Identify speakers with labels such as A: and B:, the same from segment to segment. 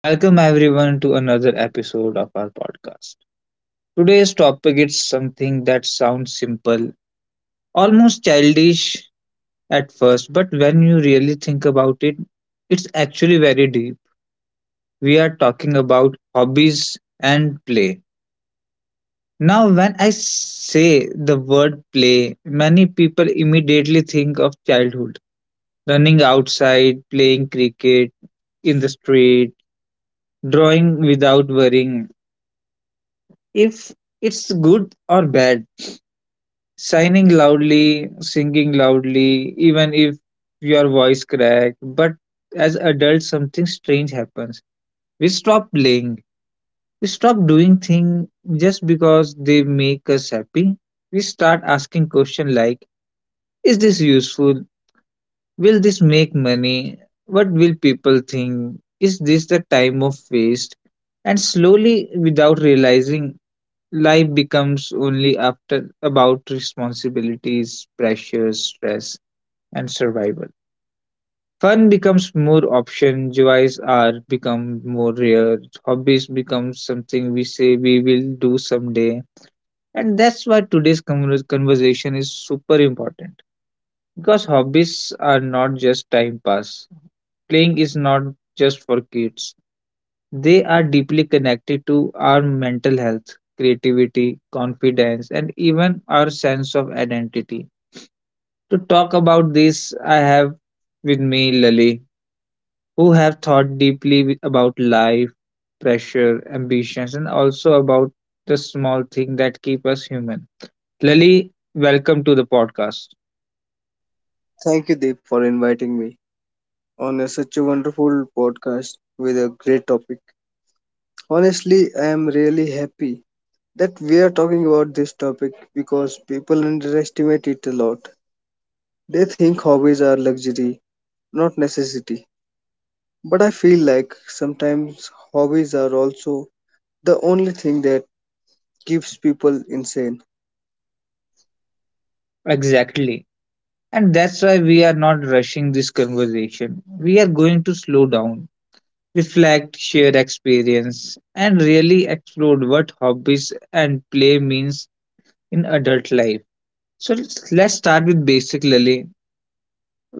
A: Welcome, everyone, to another episode of our podcast. Today's topic is something that sounds simple, almost childish at first, but when you really think about it, it's actually very deep. We are talking about hobbies and play. Now, when I say the word play, many people immediately think of childhood, running outside, playing cricket in the street, drawing without worrying if it's good or bad, signing loudly, singing loudly, even if your voice crack. But as adults, something strange happens. We stop playing, we stop doing things just because they make us happy. We start asking questions like, is this useful? Will this make money? What will people think? Is this the time of waste? And slowly, without realizing, life becomes only after about responsibilities, pressures, stress, and survival. Fun becomes more option, joys are become more rare, hobbies become something we say we will do someday. And that's why today's conversation is super important. Because hobbies are not just time pass. Playing is not just for kids. They are deeply connected to our mental health, creativity, confidence, and even our sense of identity. To talk about this, I have with me Lali, who have thought deeply about life, pressure, ambitions, and also about the small thing that keep us human. Lali, welcome to the podcast.
B: Thank you, Deep, for inviting me such a wonderful podcast with a great topic. Honestly, I am really happy that we are talking about this topic because people underestimate it a lot. They think hobbies are luxury, not necessity. But I feel like sometimes hobbies are also the only thing that keeps people insane.
A: Exactly. And that's why we are not rushing this conversation. We are going to slow down, reflect, share experience, and really explore what hobbies and play means in adult life. So let's start with basic, Lily.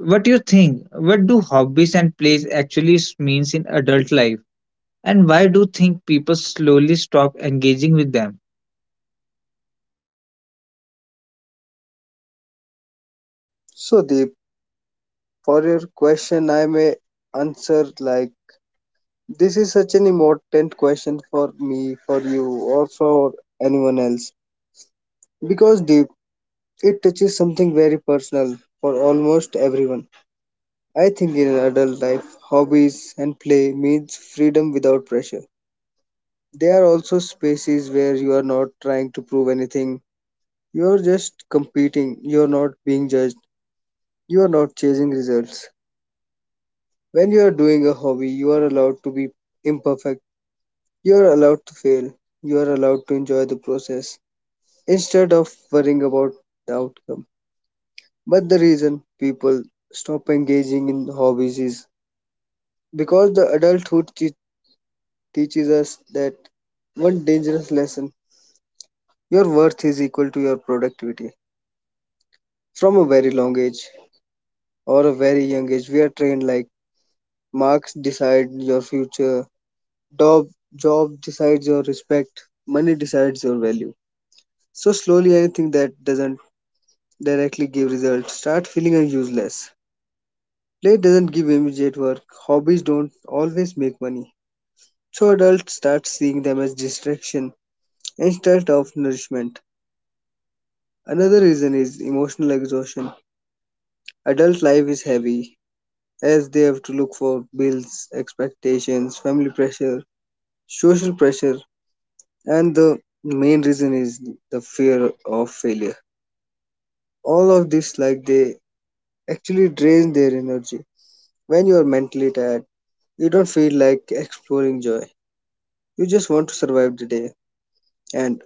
A: What do you think? What do hobbies and plays actually means in adult life? And why do you think people slowly stop engaging with them?
B: So, Deep, for your question, I may answer like, this is such an important question for me, for you, or for anyone else because, deep, it touches something very personal for almost everyone. I think in adult life, hobbies and play means freedom without pressure. They are also spaces where you are not trying to prove anything. You are just competing. You are not being judged. You are not chasing results. When you are doing a hobby, you are allowed to be imperfect. You are allowed to fail. You are allowed to enjoy the process instead of worrying about the outcome. But the reason people stop engaging in hobbies is because teaches us that one dangerous lesson: your worth is equal to your productivity. From a very long age, or a very young age, we are trained like marks decide your future, job, job decides your respect, money decides your value. So, slowly, anything that doesn't directly give results start feeling useless. Play doesn't give immediate work, hobbies don't always make money, so adults start seeing them as distraction instead of nourishment. Another reason is emotional exhaustion. Adult life is heavy as they have to look for bills, expectations, family pressure, social pressure, and the main reason is the fear of failure. All of this, like, they actually drain their energy. When you are mentally tired, you don't feel like exploring joy. You just want to survive the day. And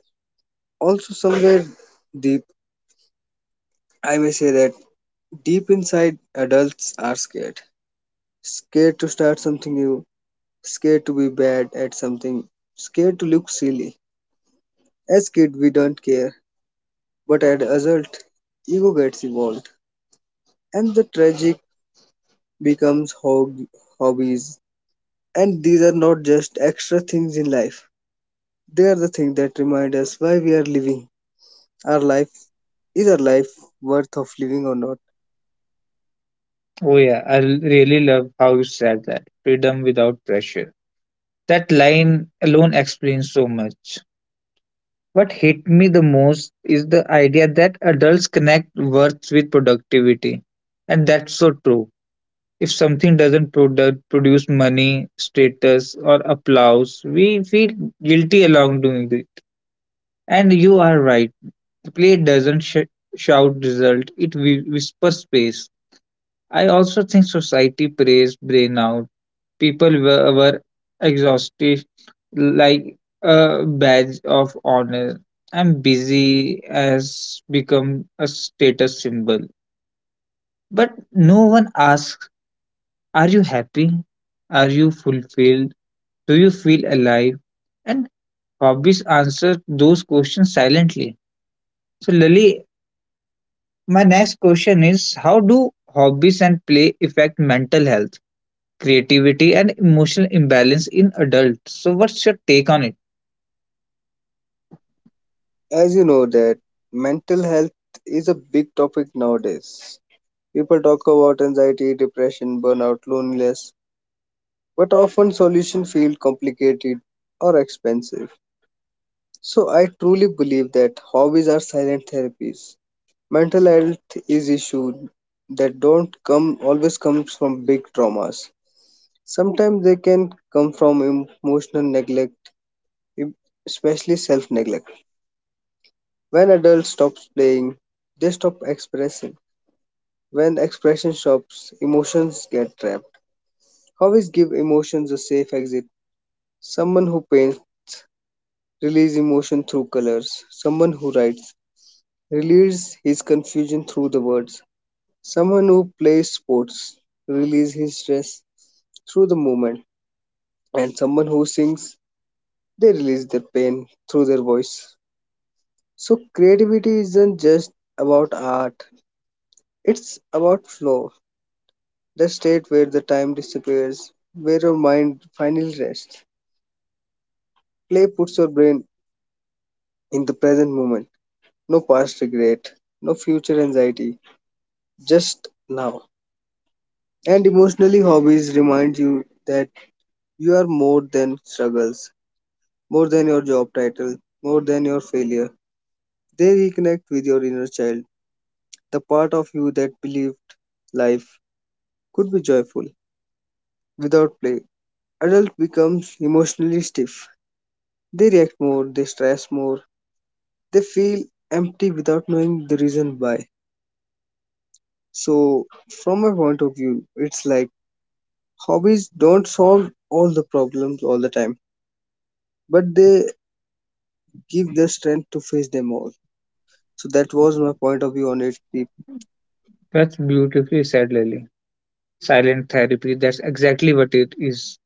B: also, somewhere deep, I may say that deep inside, adults are scared. Scared to start something new, scared to be bad at something, scared to look silly. As kid, we don't care, but as adult, ego gets involved, and the tragic becomes hob- hobbies. And these are not just extra things in life; they are the things that remind us why we are living. Our life, is our life worth of living or not?
A: Oh yeah, really love how you said that. Freedom without pressure. That line alone explains so much. What hit me the most is the idea that adults connect worth with productivity. And that's so true. If something doesn't product, produce money, status, or applause, we feel guilty along doing it. And you are right. The play doesn't sh- shout result, it whispers space. I also think society prays burnout. People were exhausted, like a badge of honor. I'm busy has become a status symbol. But no one asks, are you happy? Are you fulfilled? Do you feel alive? And hobbies answer those questions silently. So, Lily, my next question is, how do hobbies and play affect mental health, creativity, and emotional imbalance in adults? So, what's your take on it?
B: As you know that mental health is a big topic nowadays. People talk about anxiety, depression, burnout, loneliness, but often solutions feel complicated or expensive. So I truly believe that hobbies are silent therapies. Mental health is issue that don't come always comes from big traumas. Sometimes they can come from emotional neglect, em- especially self-neglect. When adults stop playing, they stop expressing. When expression stops, emotions get trapped. Hobbies give emotions a safe exit. Someone who paints releases emotion through colors. Someone who writes releases his confusion through the words. Someone who plays sports releases his stress through the movement. And someone who sings, they release their pain through their voice. So creativity isn't just about art. It's about flow, the state where the time disappears, where your mind finally rests. Play puts your brain in the present moment. No past regret, no future anxiety, just now. And emotionally, hobbies remind you that you are more than struggles, more than your job title, more than your failure. They reconnect with your inner child, the part of you that believed life could be joyful without play. Adult becomes emotionally stiff. They react more, they stress more, they feel empty without knowing the reason why. So from my point of view, it's like hobbies don't solve all the problems all the time, but they give the strength to face them all. So that was my point of view on it, Deep.
A: That's beautifully said, Lily. Silent therapy, that's exactly what it is.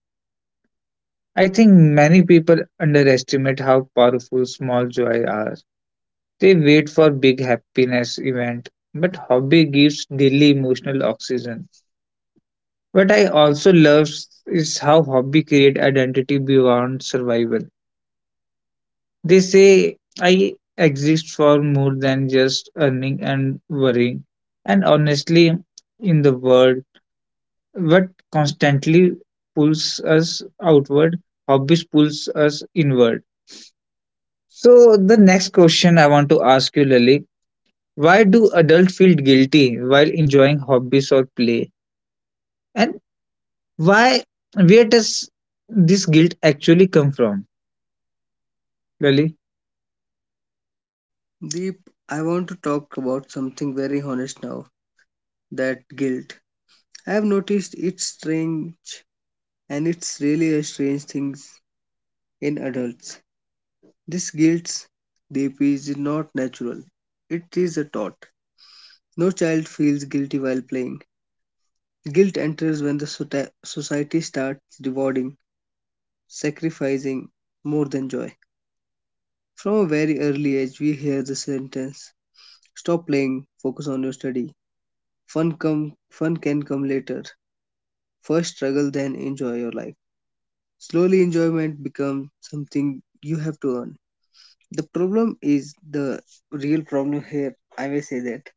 A: I think many people underestimate how powerful small joy are. They wait for big happiness event, but hobby gives daily emotional oxygen. What I also love is how hobby create identity beyond survival. They say I exist for more than just earning and worrying. And honestly, in the world what constantly pulls us outward, hobbies pulls us inward. So the next question I want to ask you, Lily, why do adults feel guilty while enjoying hobbies or play? And why, where does this guilt actually come from, Lily?
B: Deep, I want to talk about something very honest now, that guilt. I have noticed it's strange and it's really a strange thing in adults. This guilt, Deep, is not natural. It is a thought. No child feels guilty while playing. Guilt enters when the society starts rewarding sacrificing more than joy. From a very early age, we hear the sentence: stop playing, focus on your study. Fun can come later. First struggle, then enjoy your life. Slowly, enjoyment becomes something you have to earn. The real problem here, I may say that,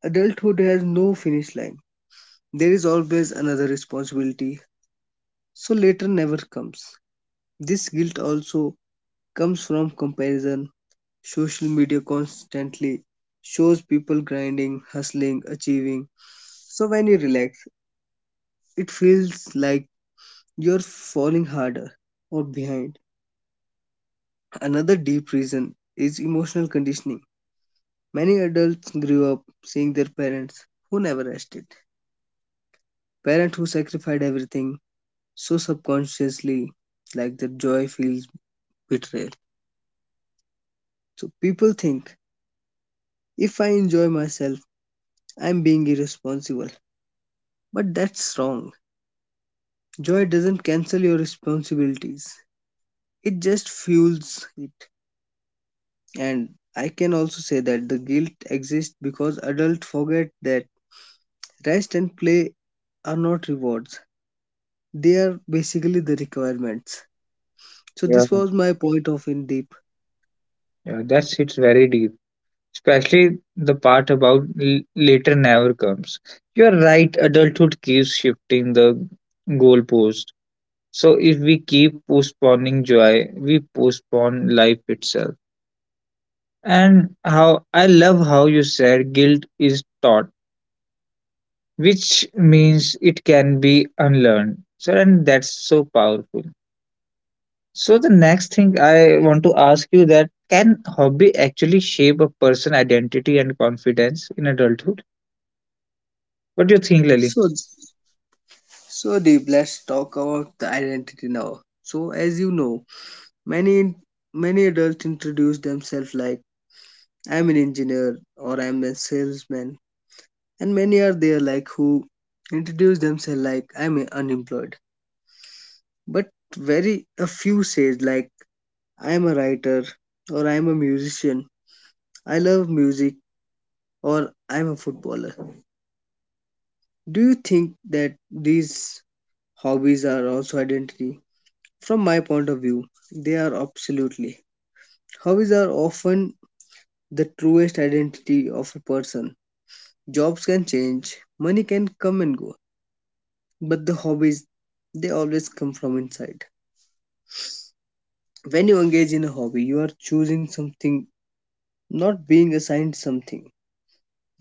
B: adulthood has no finish line. There is always another responsibility, so later never comes. This guilt also comes from comparison. Social media constantly shows people grinding, hustling, achieving. So when you relax, it feels like you're falling harder or behind. Another deep reason is emotional conditioning. Many adults grew up seeing their parents who never rested, parents who sacrificed everything, so subconsciously, like, their joy feels betrayal. So people think if I enjoy myself, I'm being irresponsible. But that's wrong. Joy doesn't cancel your responsibilities, it just fuels it. And I can also say that the guilt exists because adults forget that rest and play are not rewards, they are basically the requirements. So,
A: Yeah,
B: this was my point of, in deep.
A: yeah, that's it's very deep. Especially the part about later never comes. You're right, adulthood keeps shifting the goalposts. So if we keep postponing joy, we postpone life itself. And how I love how you said guilt is taught, which means it can be unlearned. So and that's so powerful. So the next thing I want to ask you, that can hobby actually shape a person identity and confidence in adulthood? What do you think, Lily?
B: So, so deep, let's talk about the identity now. So, as you know, many many adults introduce themselves like I'm an engineer or I'm a salesman, and many are there like who introduce themselves like unemployed. But very a few says like I'm a writer or I'm a musician. I love music, or I'm a footballer. Do you think that these hobbies are also identity? From my point of view, they are, absolutely. Hobbies are often the truest identity of a person. Jobs can change, money can come and go, but the hobbies, they always come from inside. When you engage in a hobby, you are choosing something, not being assigned something.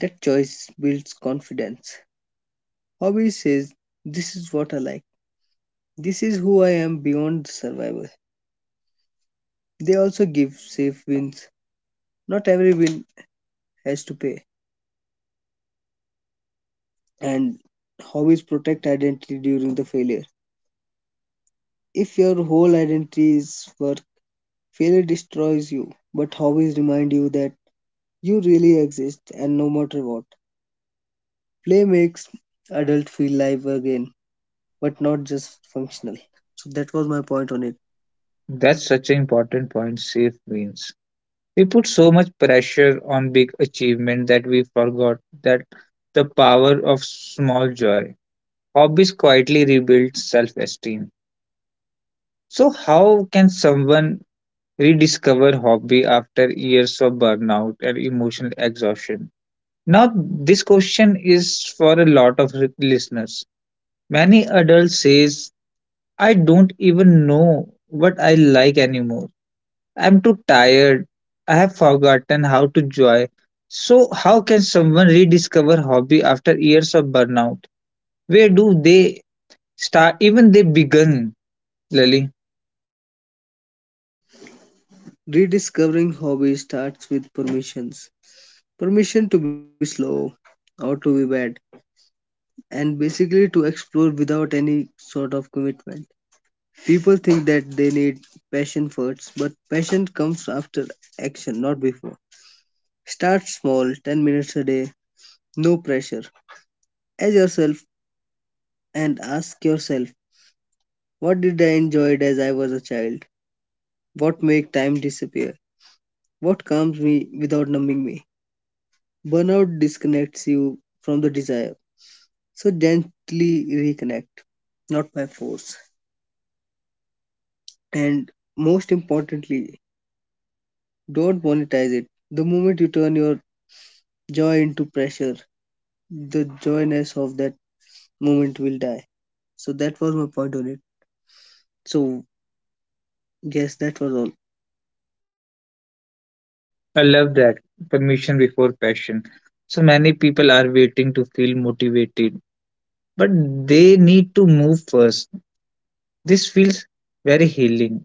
B: That choice builds confidence. Hobby says, this is what I like. This is who I am beyond survival. They also give safe wins. Not every win has to pay. And hobbies protect identity during the failure. If your whole identity is work, failure destroys you. But hobbies remind you that you really exist and no matter what. Play makes adult feel live again, but not just functional. So that was my point on it.
A: That's such an important point. Safe means. We put so much pressure on big achievement that we forgot that the power of small joy. Hobbies quietly rebuild self-esteem. So how can someone rediscover hobby after years of burnout and emotional exhaustion? Now this question is for a lot of listeners. Many adults says I don't even know what I like anymore. I'm too tired. I have forgotten how to joy. So how can someone rediscover hobby after years of burnout? Where do they start? Even they begin, Lily.
B: Rediscovering hobbies starts with permissions. Permission to be slow or to be bad, and basically to explore without any sort of commitment. People think that they need passion first, but passion comes after action, not before. Start small, 10 minutes a day, no pressure. As yourself, and ask yourself, what did I enjoy as I was a child? What make time disappear? What calms me without numbing me? Burnout disconnects you from the desire. So gently reconnect, not by force. And most importantly, don't monetize it. The moment you turn your joy into pressure, the joyness of that moment will die. So that was my point on it. So yes, that was all.
A: I love that. Permission before passion. So many people are waiting to feel motivated, but they need to move first. This feels very healing.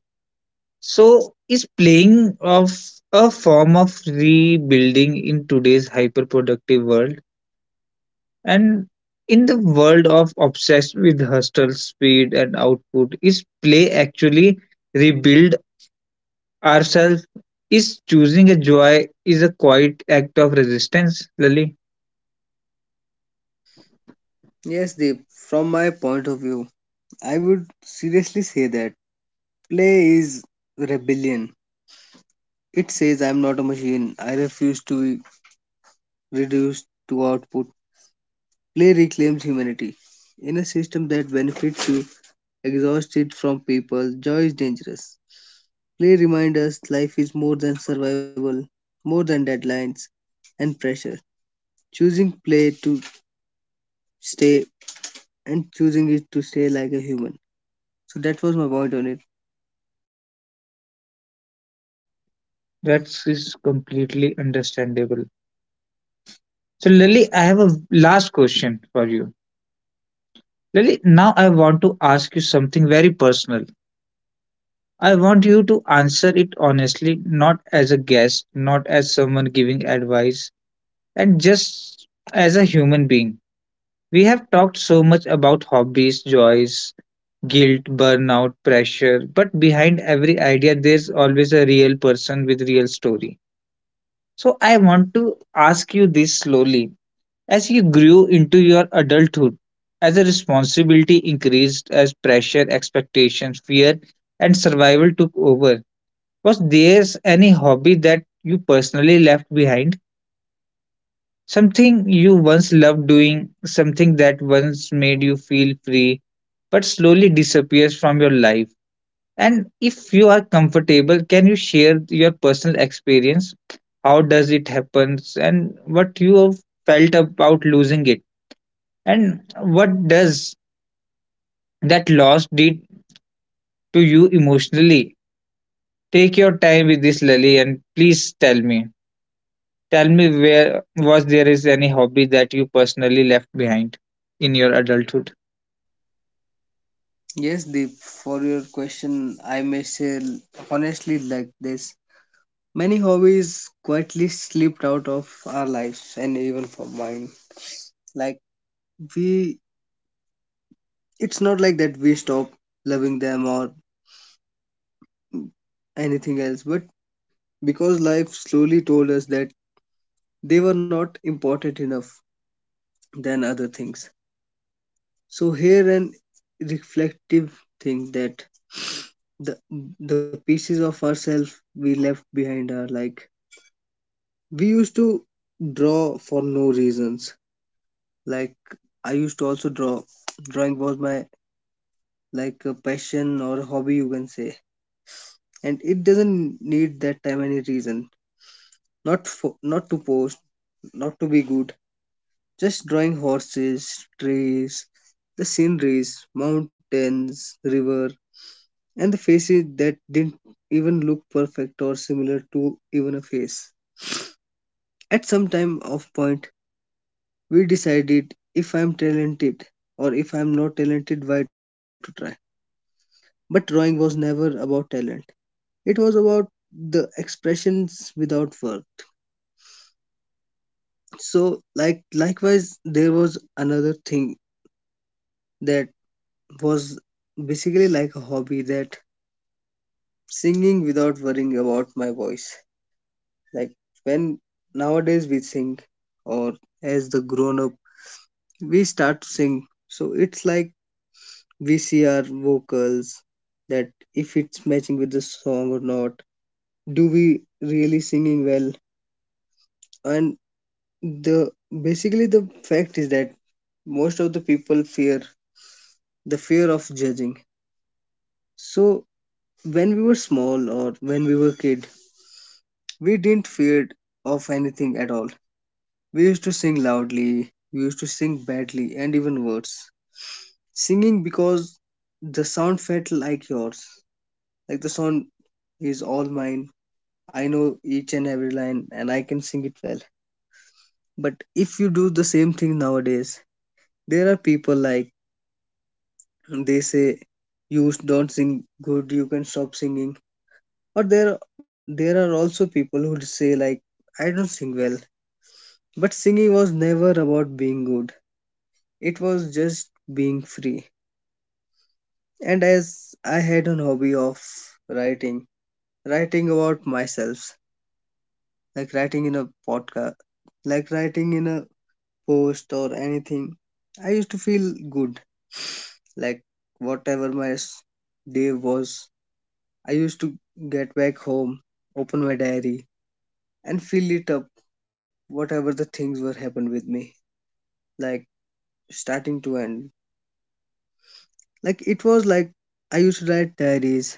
A: So is playing of a form of rebuilding in today's hyper productive world? And in the world of obsessed with hustle, speed, and output, is play actually rebuild ourselves? Is choosing a joy is a quiet act of resistance, Lily?
B: Yes, Deep, from my point of view, I would seriously say that play is rebellion. It says I'm not a machine. I refuse to reduced to output, play reclaims humanity. In a system that benefits you, exhausts it from people, joy is dangerous. Play reminds us life is more than survival, more than deadlines and pressure. Choosing play to stay, and choosing it to stay like a human. So that was my point on it.
A: That is completely understandable. So, Lily, I have a last question for you. Lily, now I want to ask you something very personal. I want you to answer it honestly, not as a guest, not as someone giving advice, and just as a human being. We have talked so much about hobbies, joys, guilt, burnout, pressure, but behind every idea, there's always a real person with real story. So I want to ask you this slowly. As you grew into your adulthood, as a responsibility increased, as pressure, expectations, fear, and survival took over, was there any hobby that you personally left behind? Something you once loved doing, something that once made you feel free, but slowly disappears from your life. And if you are comfortable, can you share your personal experience? How does it happen? And what you have felt about losing it? And what does that loss did to you emotionally? Take your time with this, Lily, and please tell me. Tell me, where was there is any hobby that you personally left behind in your adulthood?
B: Yes, Deep, for your question, I may say, honestly, like this. Many hobbies quietly slipped out of our lives and even from mine. Like, we it's not like that we stop loving them or anything else, but because life slowly told us that they were not important enough than other things. So here an reflective thing that the the pieces of ourselves we left behind are like we used to draw for no reasons. Like, I used to also draw. Drawing was my, like, a passion or hobby you can say. And it doesn't need that time any reason. Not to post, not to be good, just drawing horses, trees, the sceneries, mountains, river, and the faces that didn't even look perfect or similar to even a face. At some time of point, we decided if I'm talented or if I'm not talented, why to try. But drawing was never about talent. It was about the expressions without words. So like, likewise, there was another thing that was basically like a hobby, that singing without worrying about my voice. Like, when nowadays we sing, or as the grown up, we start to sing. So it's like we see our vocals that if it's matching with the song or not. Do we really singing well? And the basically the fact is that most of the people fear the fear of judging. So when we were small, or when we were kid, we didn't fear of anything at all. We used to sing loudly, we used to sing badly, and even worse. Singing because the sound felt like yours. Like, the sound is all mine. I know each and every line and I can sing it well. But if you do the same thing nowadays, there are people like they say you don't sing good, you can stop singing. Or there are also people who say like I don't sing well. But singing was never about being good. It was just being free. And as I had an hobby of writing, writing about myself, like writing in a podcast, like writing in a post or anything, I used to feel good. Like, whatever day was, I used to get back home, open my diary, and fill it up whatever the things were happened with me, like starting to end. Like, it was like I used to write diaries.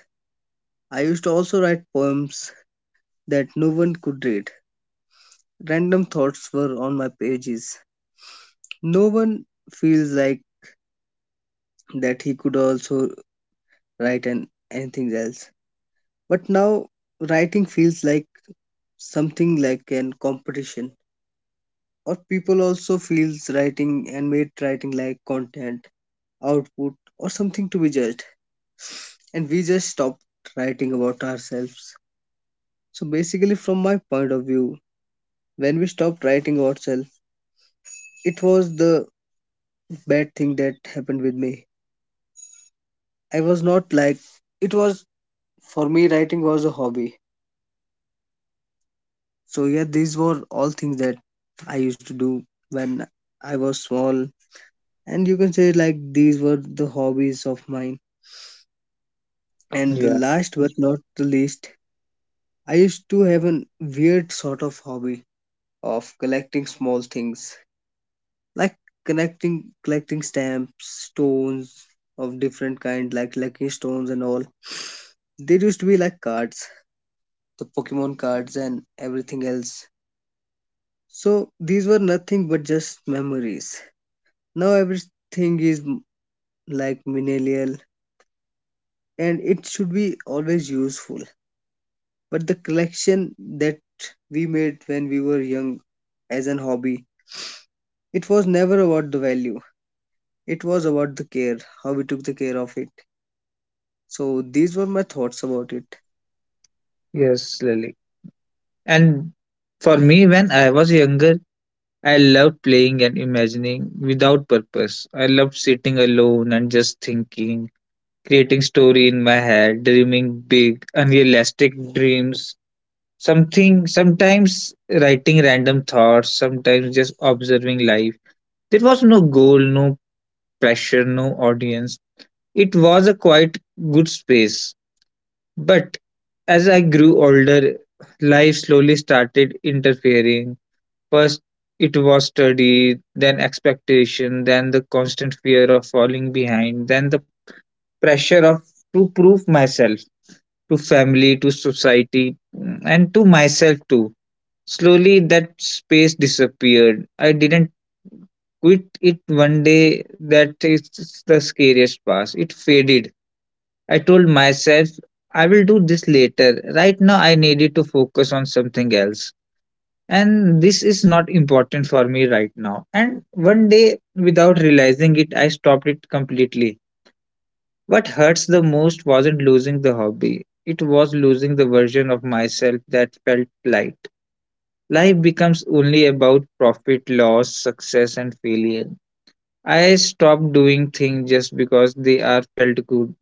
B: I used to also write poems that no one could read. Random thoughts were on my pages. No one feels like that he could also write an anything else. But now writing feels like something like an competition. Or people also feels writing and made writing like content, output, or something to be judged. And we just stopped writing about ourselves. So basically from my point of view, when we stopped writing ourselves, it was the bad thing that happened with me. I was not like, it was, for me writing was a hobby. So yeah, these were all things that I used to do when I was small. And you can say like these were the hobbies of mine. And the
A: Yeah,
B: last but not the least, I used to have a weird sort of hobby of collecting small things. Like, connecting collecting stamps, stones of different kind like lucky stones and all. They used to be like cards, the Pokemon cards and everything else. So these were nothing but just memories. Now everything is like millennial, and it should be always useful. But the collection that we made when we were young as an hobby, it was never about the value. It was about the care, how we took the care of it. So these were my thoughts about it.
A: yes, Lily. And for me, when I was younger, I loved playing and imagining without purpose. I loved sitting alone and just thinking, creating story in my head, dreaming big, unrealistic dreams. Something, sometimes writing random thoughts, sometimes just observing life. There was no goal, no pressure, no audience. It was a quite good space. But as I grew older, life slowly started interfering. First, it was study, then expectation, then the constant fear of falling behind, then the pressure of to prove myself to family, to society, and to myself too. Slowly, that space disappeared. I didn't quit it one day. That is the scariest part. It faded. I told myself, I will do this later. Right now, I needed to focus on something else. And this is not important for me right now. And one day, without realizing it, I stopped it completely. What hurts the most wasn't losing the hobby, it was losing the version of myself that felt light. Life becomes only about profit, loss, success, and failure. I stopped doing things just because they are felt good,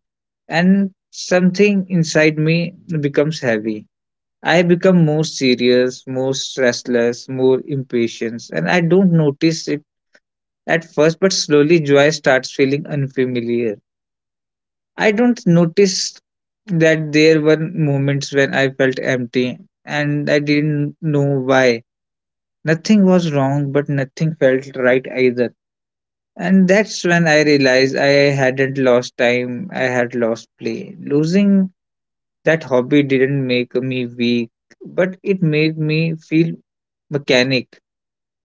A: and something inside me becomes heavy. I become more serious, more restless, more impatient, and I don't notice it at first, but slowly joy starts feeling unfamiliar. I don't notice that there were moments when I felt empty and I didn't know why. Nothing was wrong, but nothing felt right either. And that's when I realized I hadn't lost time, I had lost play. Losing that hobby didn't make me weak, but it made me feel mechanic.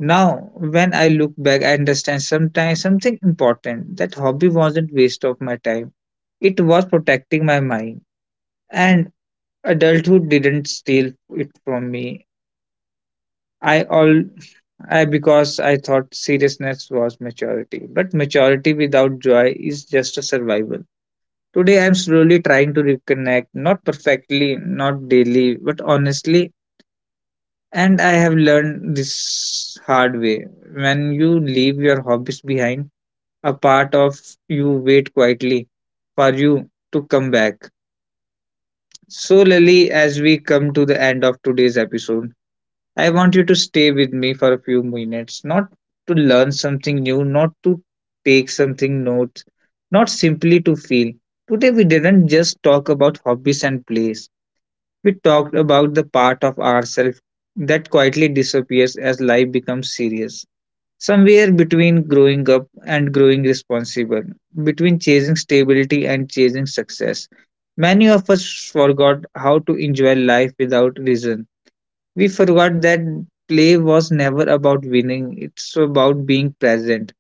A: Now, when I look back, I understand sometimes something important. That hobby wasn't waste of my time. It was protecting my mind. And adulthood didn't steal it from me. I all I because I thought seriousness was maturity. But maturity without joy is just a survival. Today I'm slowly trying to reconnect, not perfectly, not daily, but honestly. And I have learned this hard way. When you leave your hobbies behind, a part of you wait quietly for you to come back. So, Lily, as we come to the end of today's episode, I want you to stay with me for a few minutes, not to learn something new, not to take something notes, not simply to feel. Today, we didn't just talk about hobbies and play. We talked about the part of ourselves that quietly disappears as life becomes serious. Somewhere between growing up and growing responsible, between chasing stability and chasing success. Many of us forgot how to enjoy life without reason. We forgot that play was never about winning, it's about being present.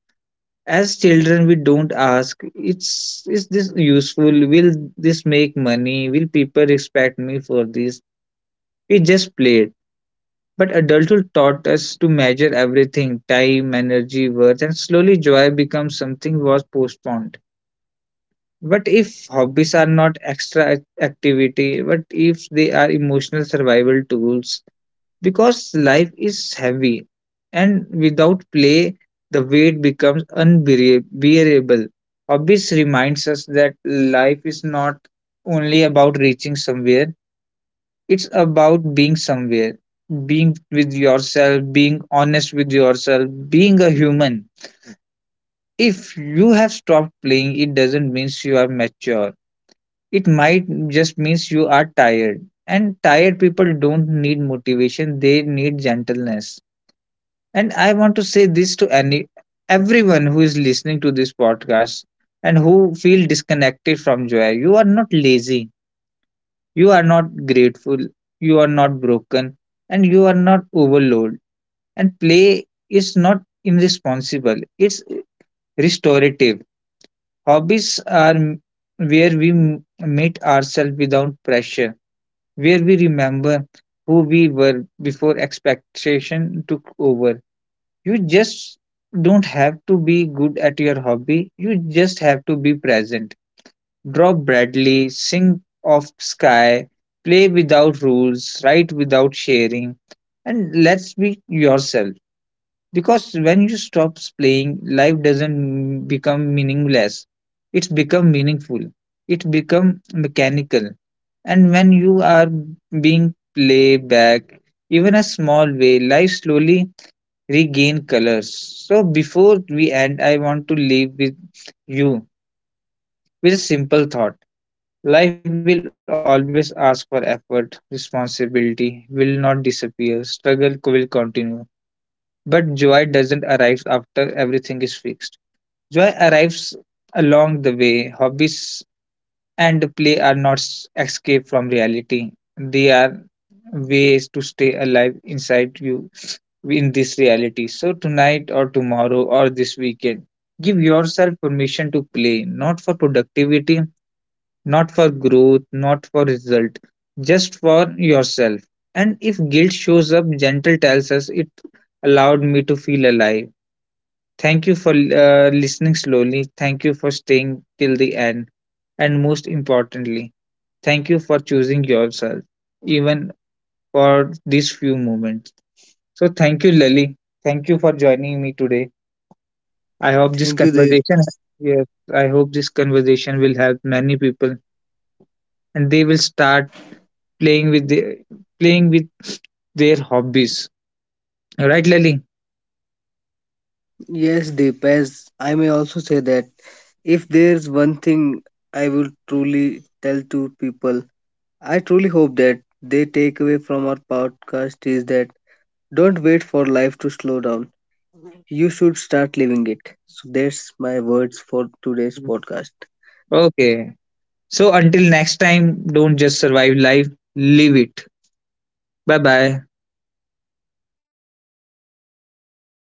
A: As children, we don't ask, is this useful? Will this make money? Will people respect me for this? We just played. But adulthood taught us to measure everything, time, energy, worth, and slowly joy becomes something was postponed. What if hobbies are not extra activity? What if they are emotional survival tools? Because life is heavy, and without play, the weight becomes unbearable. Hobbies reminds us that life is not only about reaching somewhere, it's about being somewhere, being with yourself, being honest with yourself, being a human. If you have stopped playing, it doesn't mean you are mature. It might just means you are tired. And tired people don't need motivation, they need gentleness. And I want to say this to any everyone who is listening to this podcast and who feel disconnected from joy. You are not lazy, you are not grateful, you are not broken, and you are not overloaded. And play is not irresponsible, it's restorative. Hobbies are where we meet ourselves without pressure, where we remember who we were before expectation took over. You just don't have to be good at your hobby, you just have to be present. Drop Bradley, sink off sky, play without rules, write without sharing, and let's be yourself. Because when you stop playing, life doesn't become meaningless. It's become meaningful. It become mechanical. And when you are being played back even a small way, life slowly regain colors. So before we end, I want to leave with you with a simple thought. Life will always ask for effort, responsibility will not disappear, struggle will continue. But joy doesn't arrive after everything is fixed. Joy arrives along the way. Hobbies and play are not escape from reality, they are ways to stay alive inside you in this reality. So, tonight or tomorrow or this weekend, give yourself permission to play, not for productivity, not for growth, not for result, just for yourself. And if guilt shows up, gentle tells us it allowed me to feel alive. Thank you for listening slowly. Thank you for staying till the end. And most importantly, thank you for choosing yourself, even for these few moments. So, thank you, Lali. Thank you for joining me today. I hope this
B: Thank you, Deep.
A: conversation, yes, I hope this conversation will help many people and they will start playing with the playing with their hobbies. Right, Lily?
B: Yes, Deep, as I may also say that if there's one thing I will truly tell to people, I truly hope that they take away from our podcast is that don't wait for life to slow down. You should start living it. So that's my words for today's
A: Mm.
B: podcast.
A: Okay. So until next time, don't just survive life, live it. Bye bye.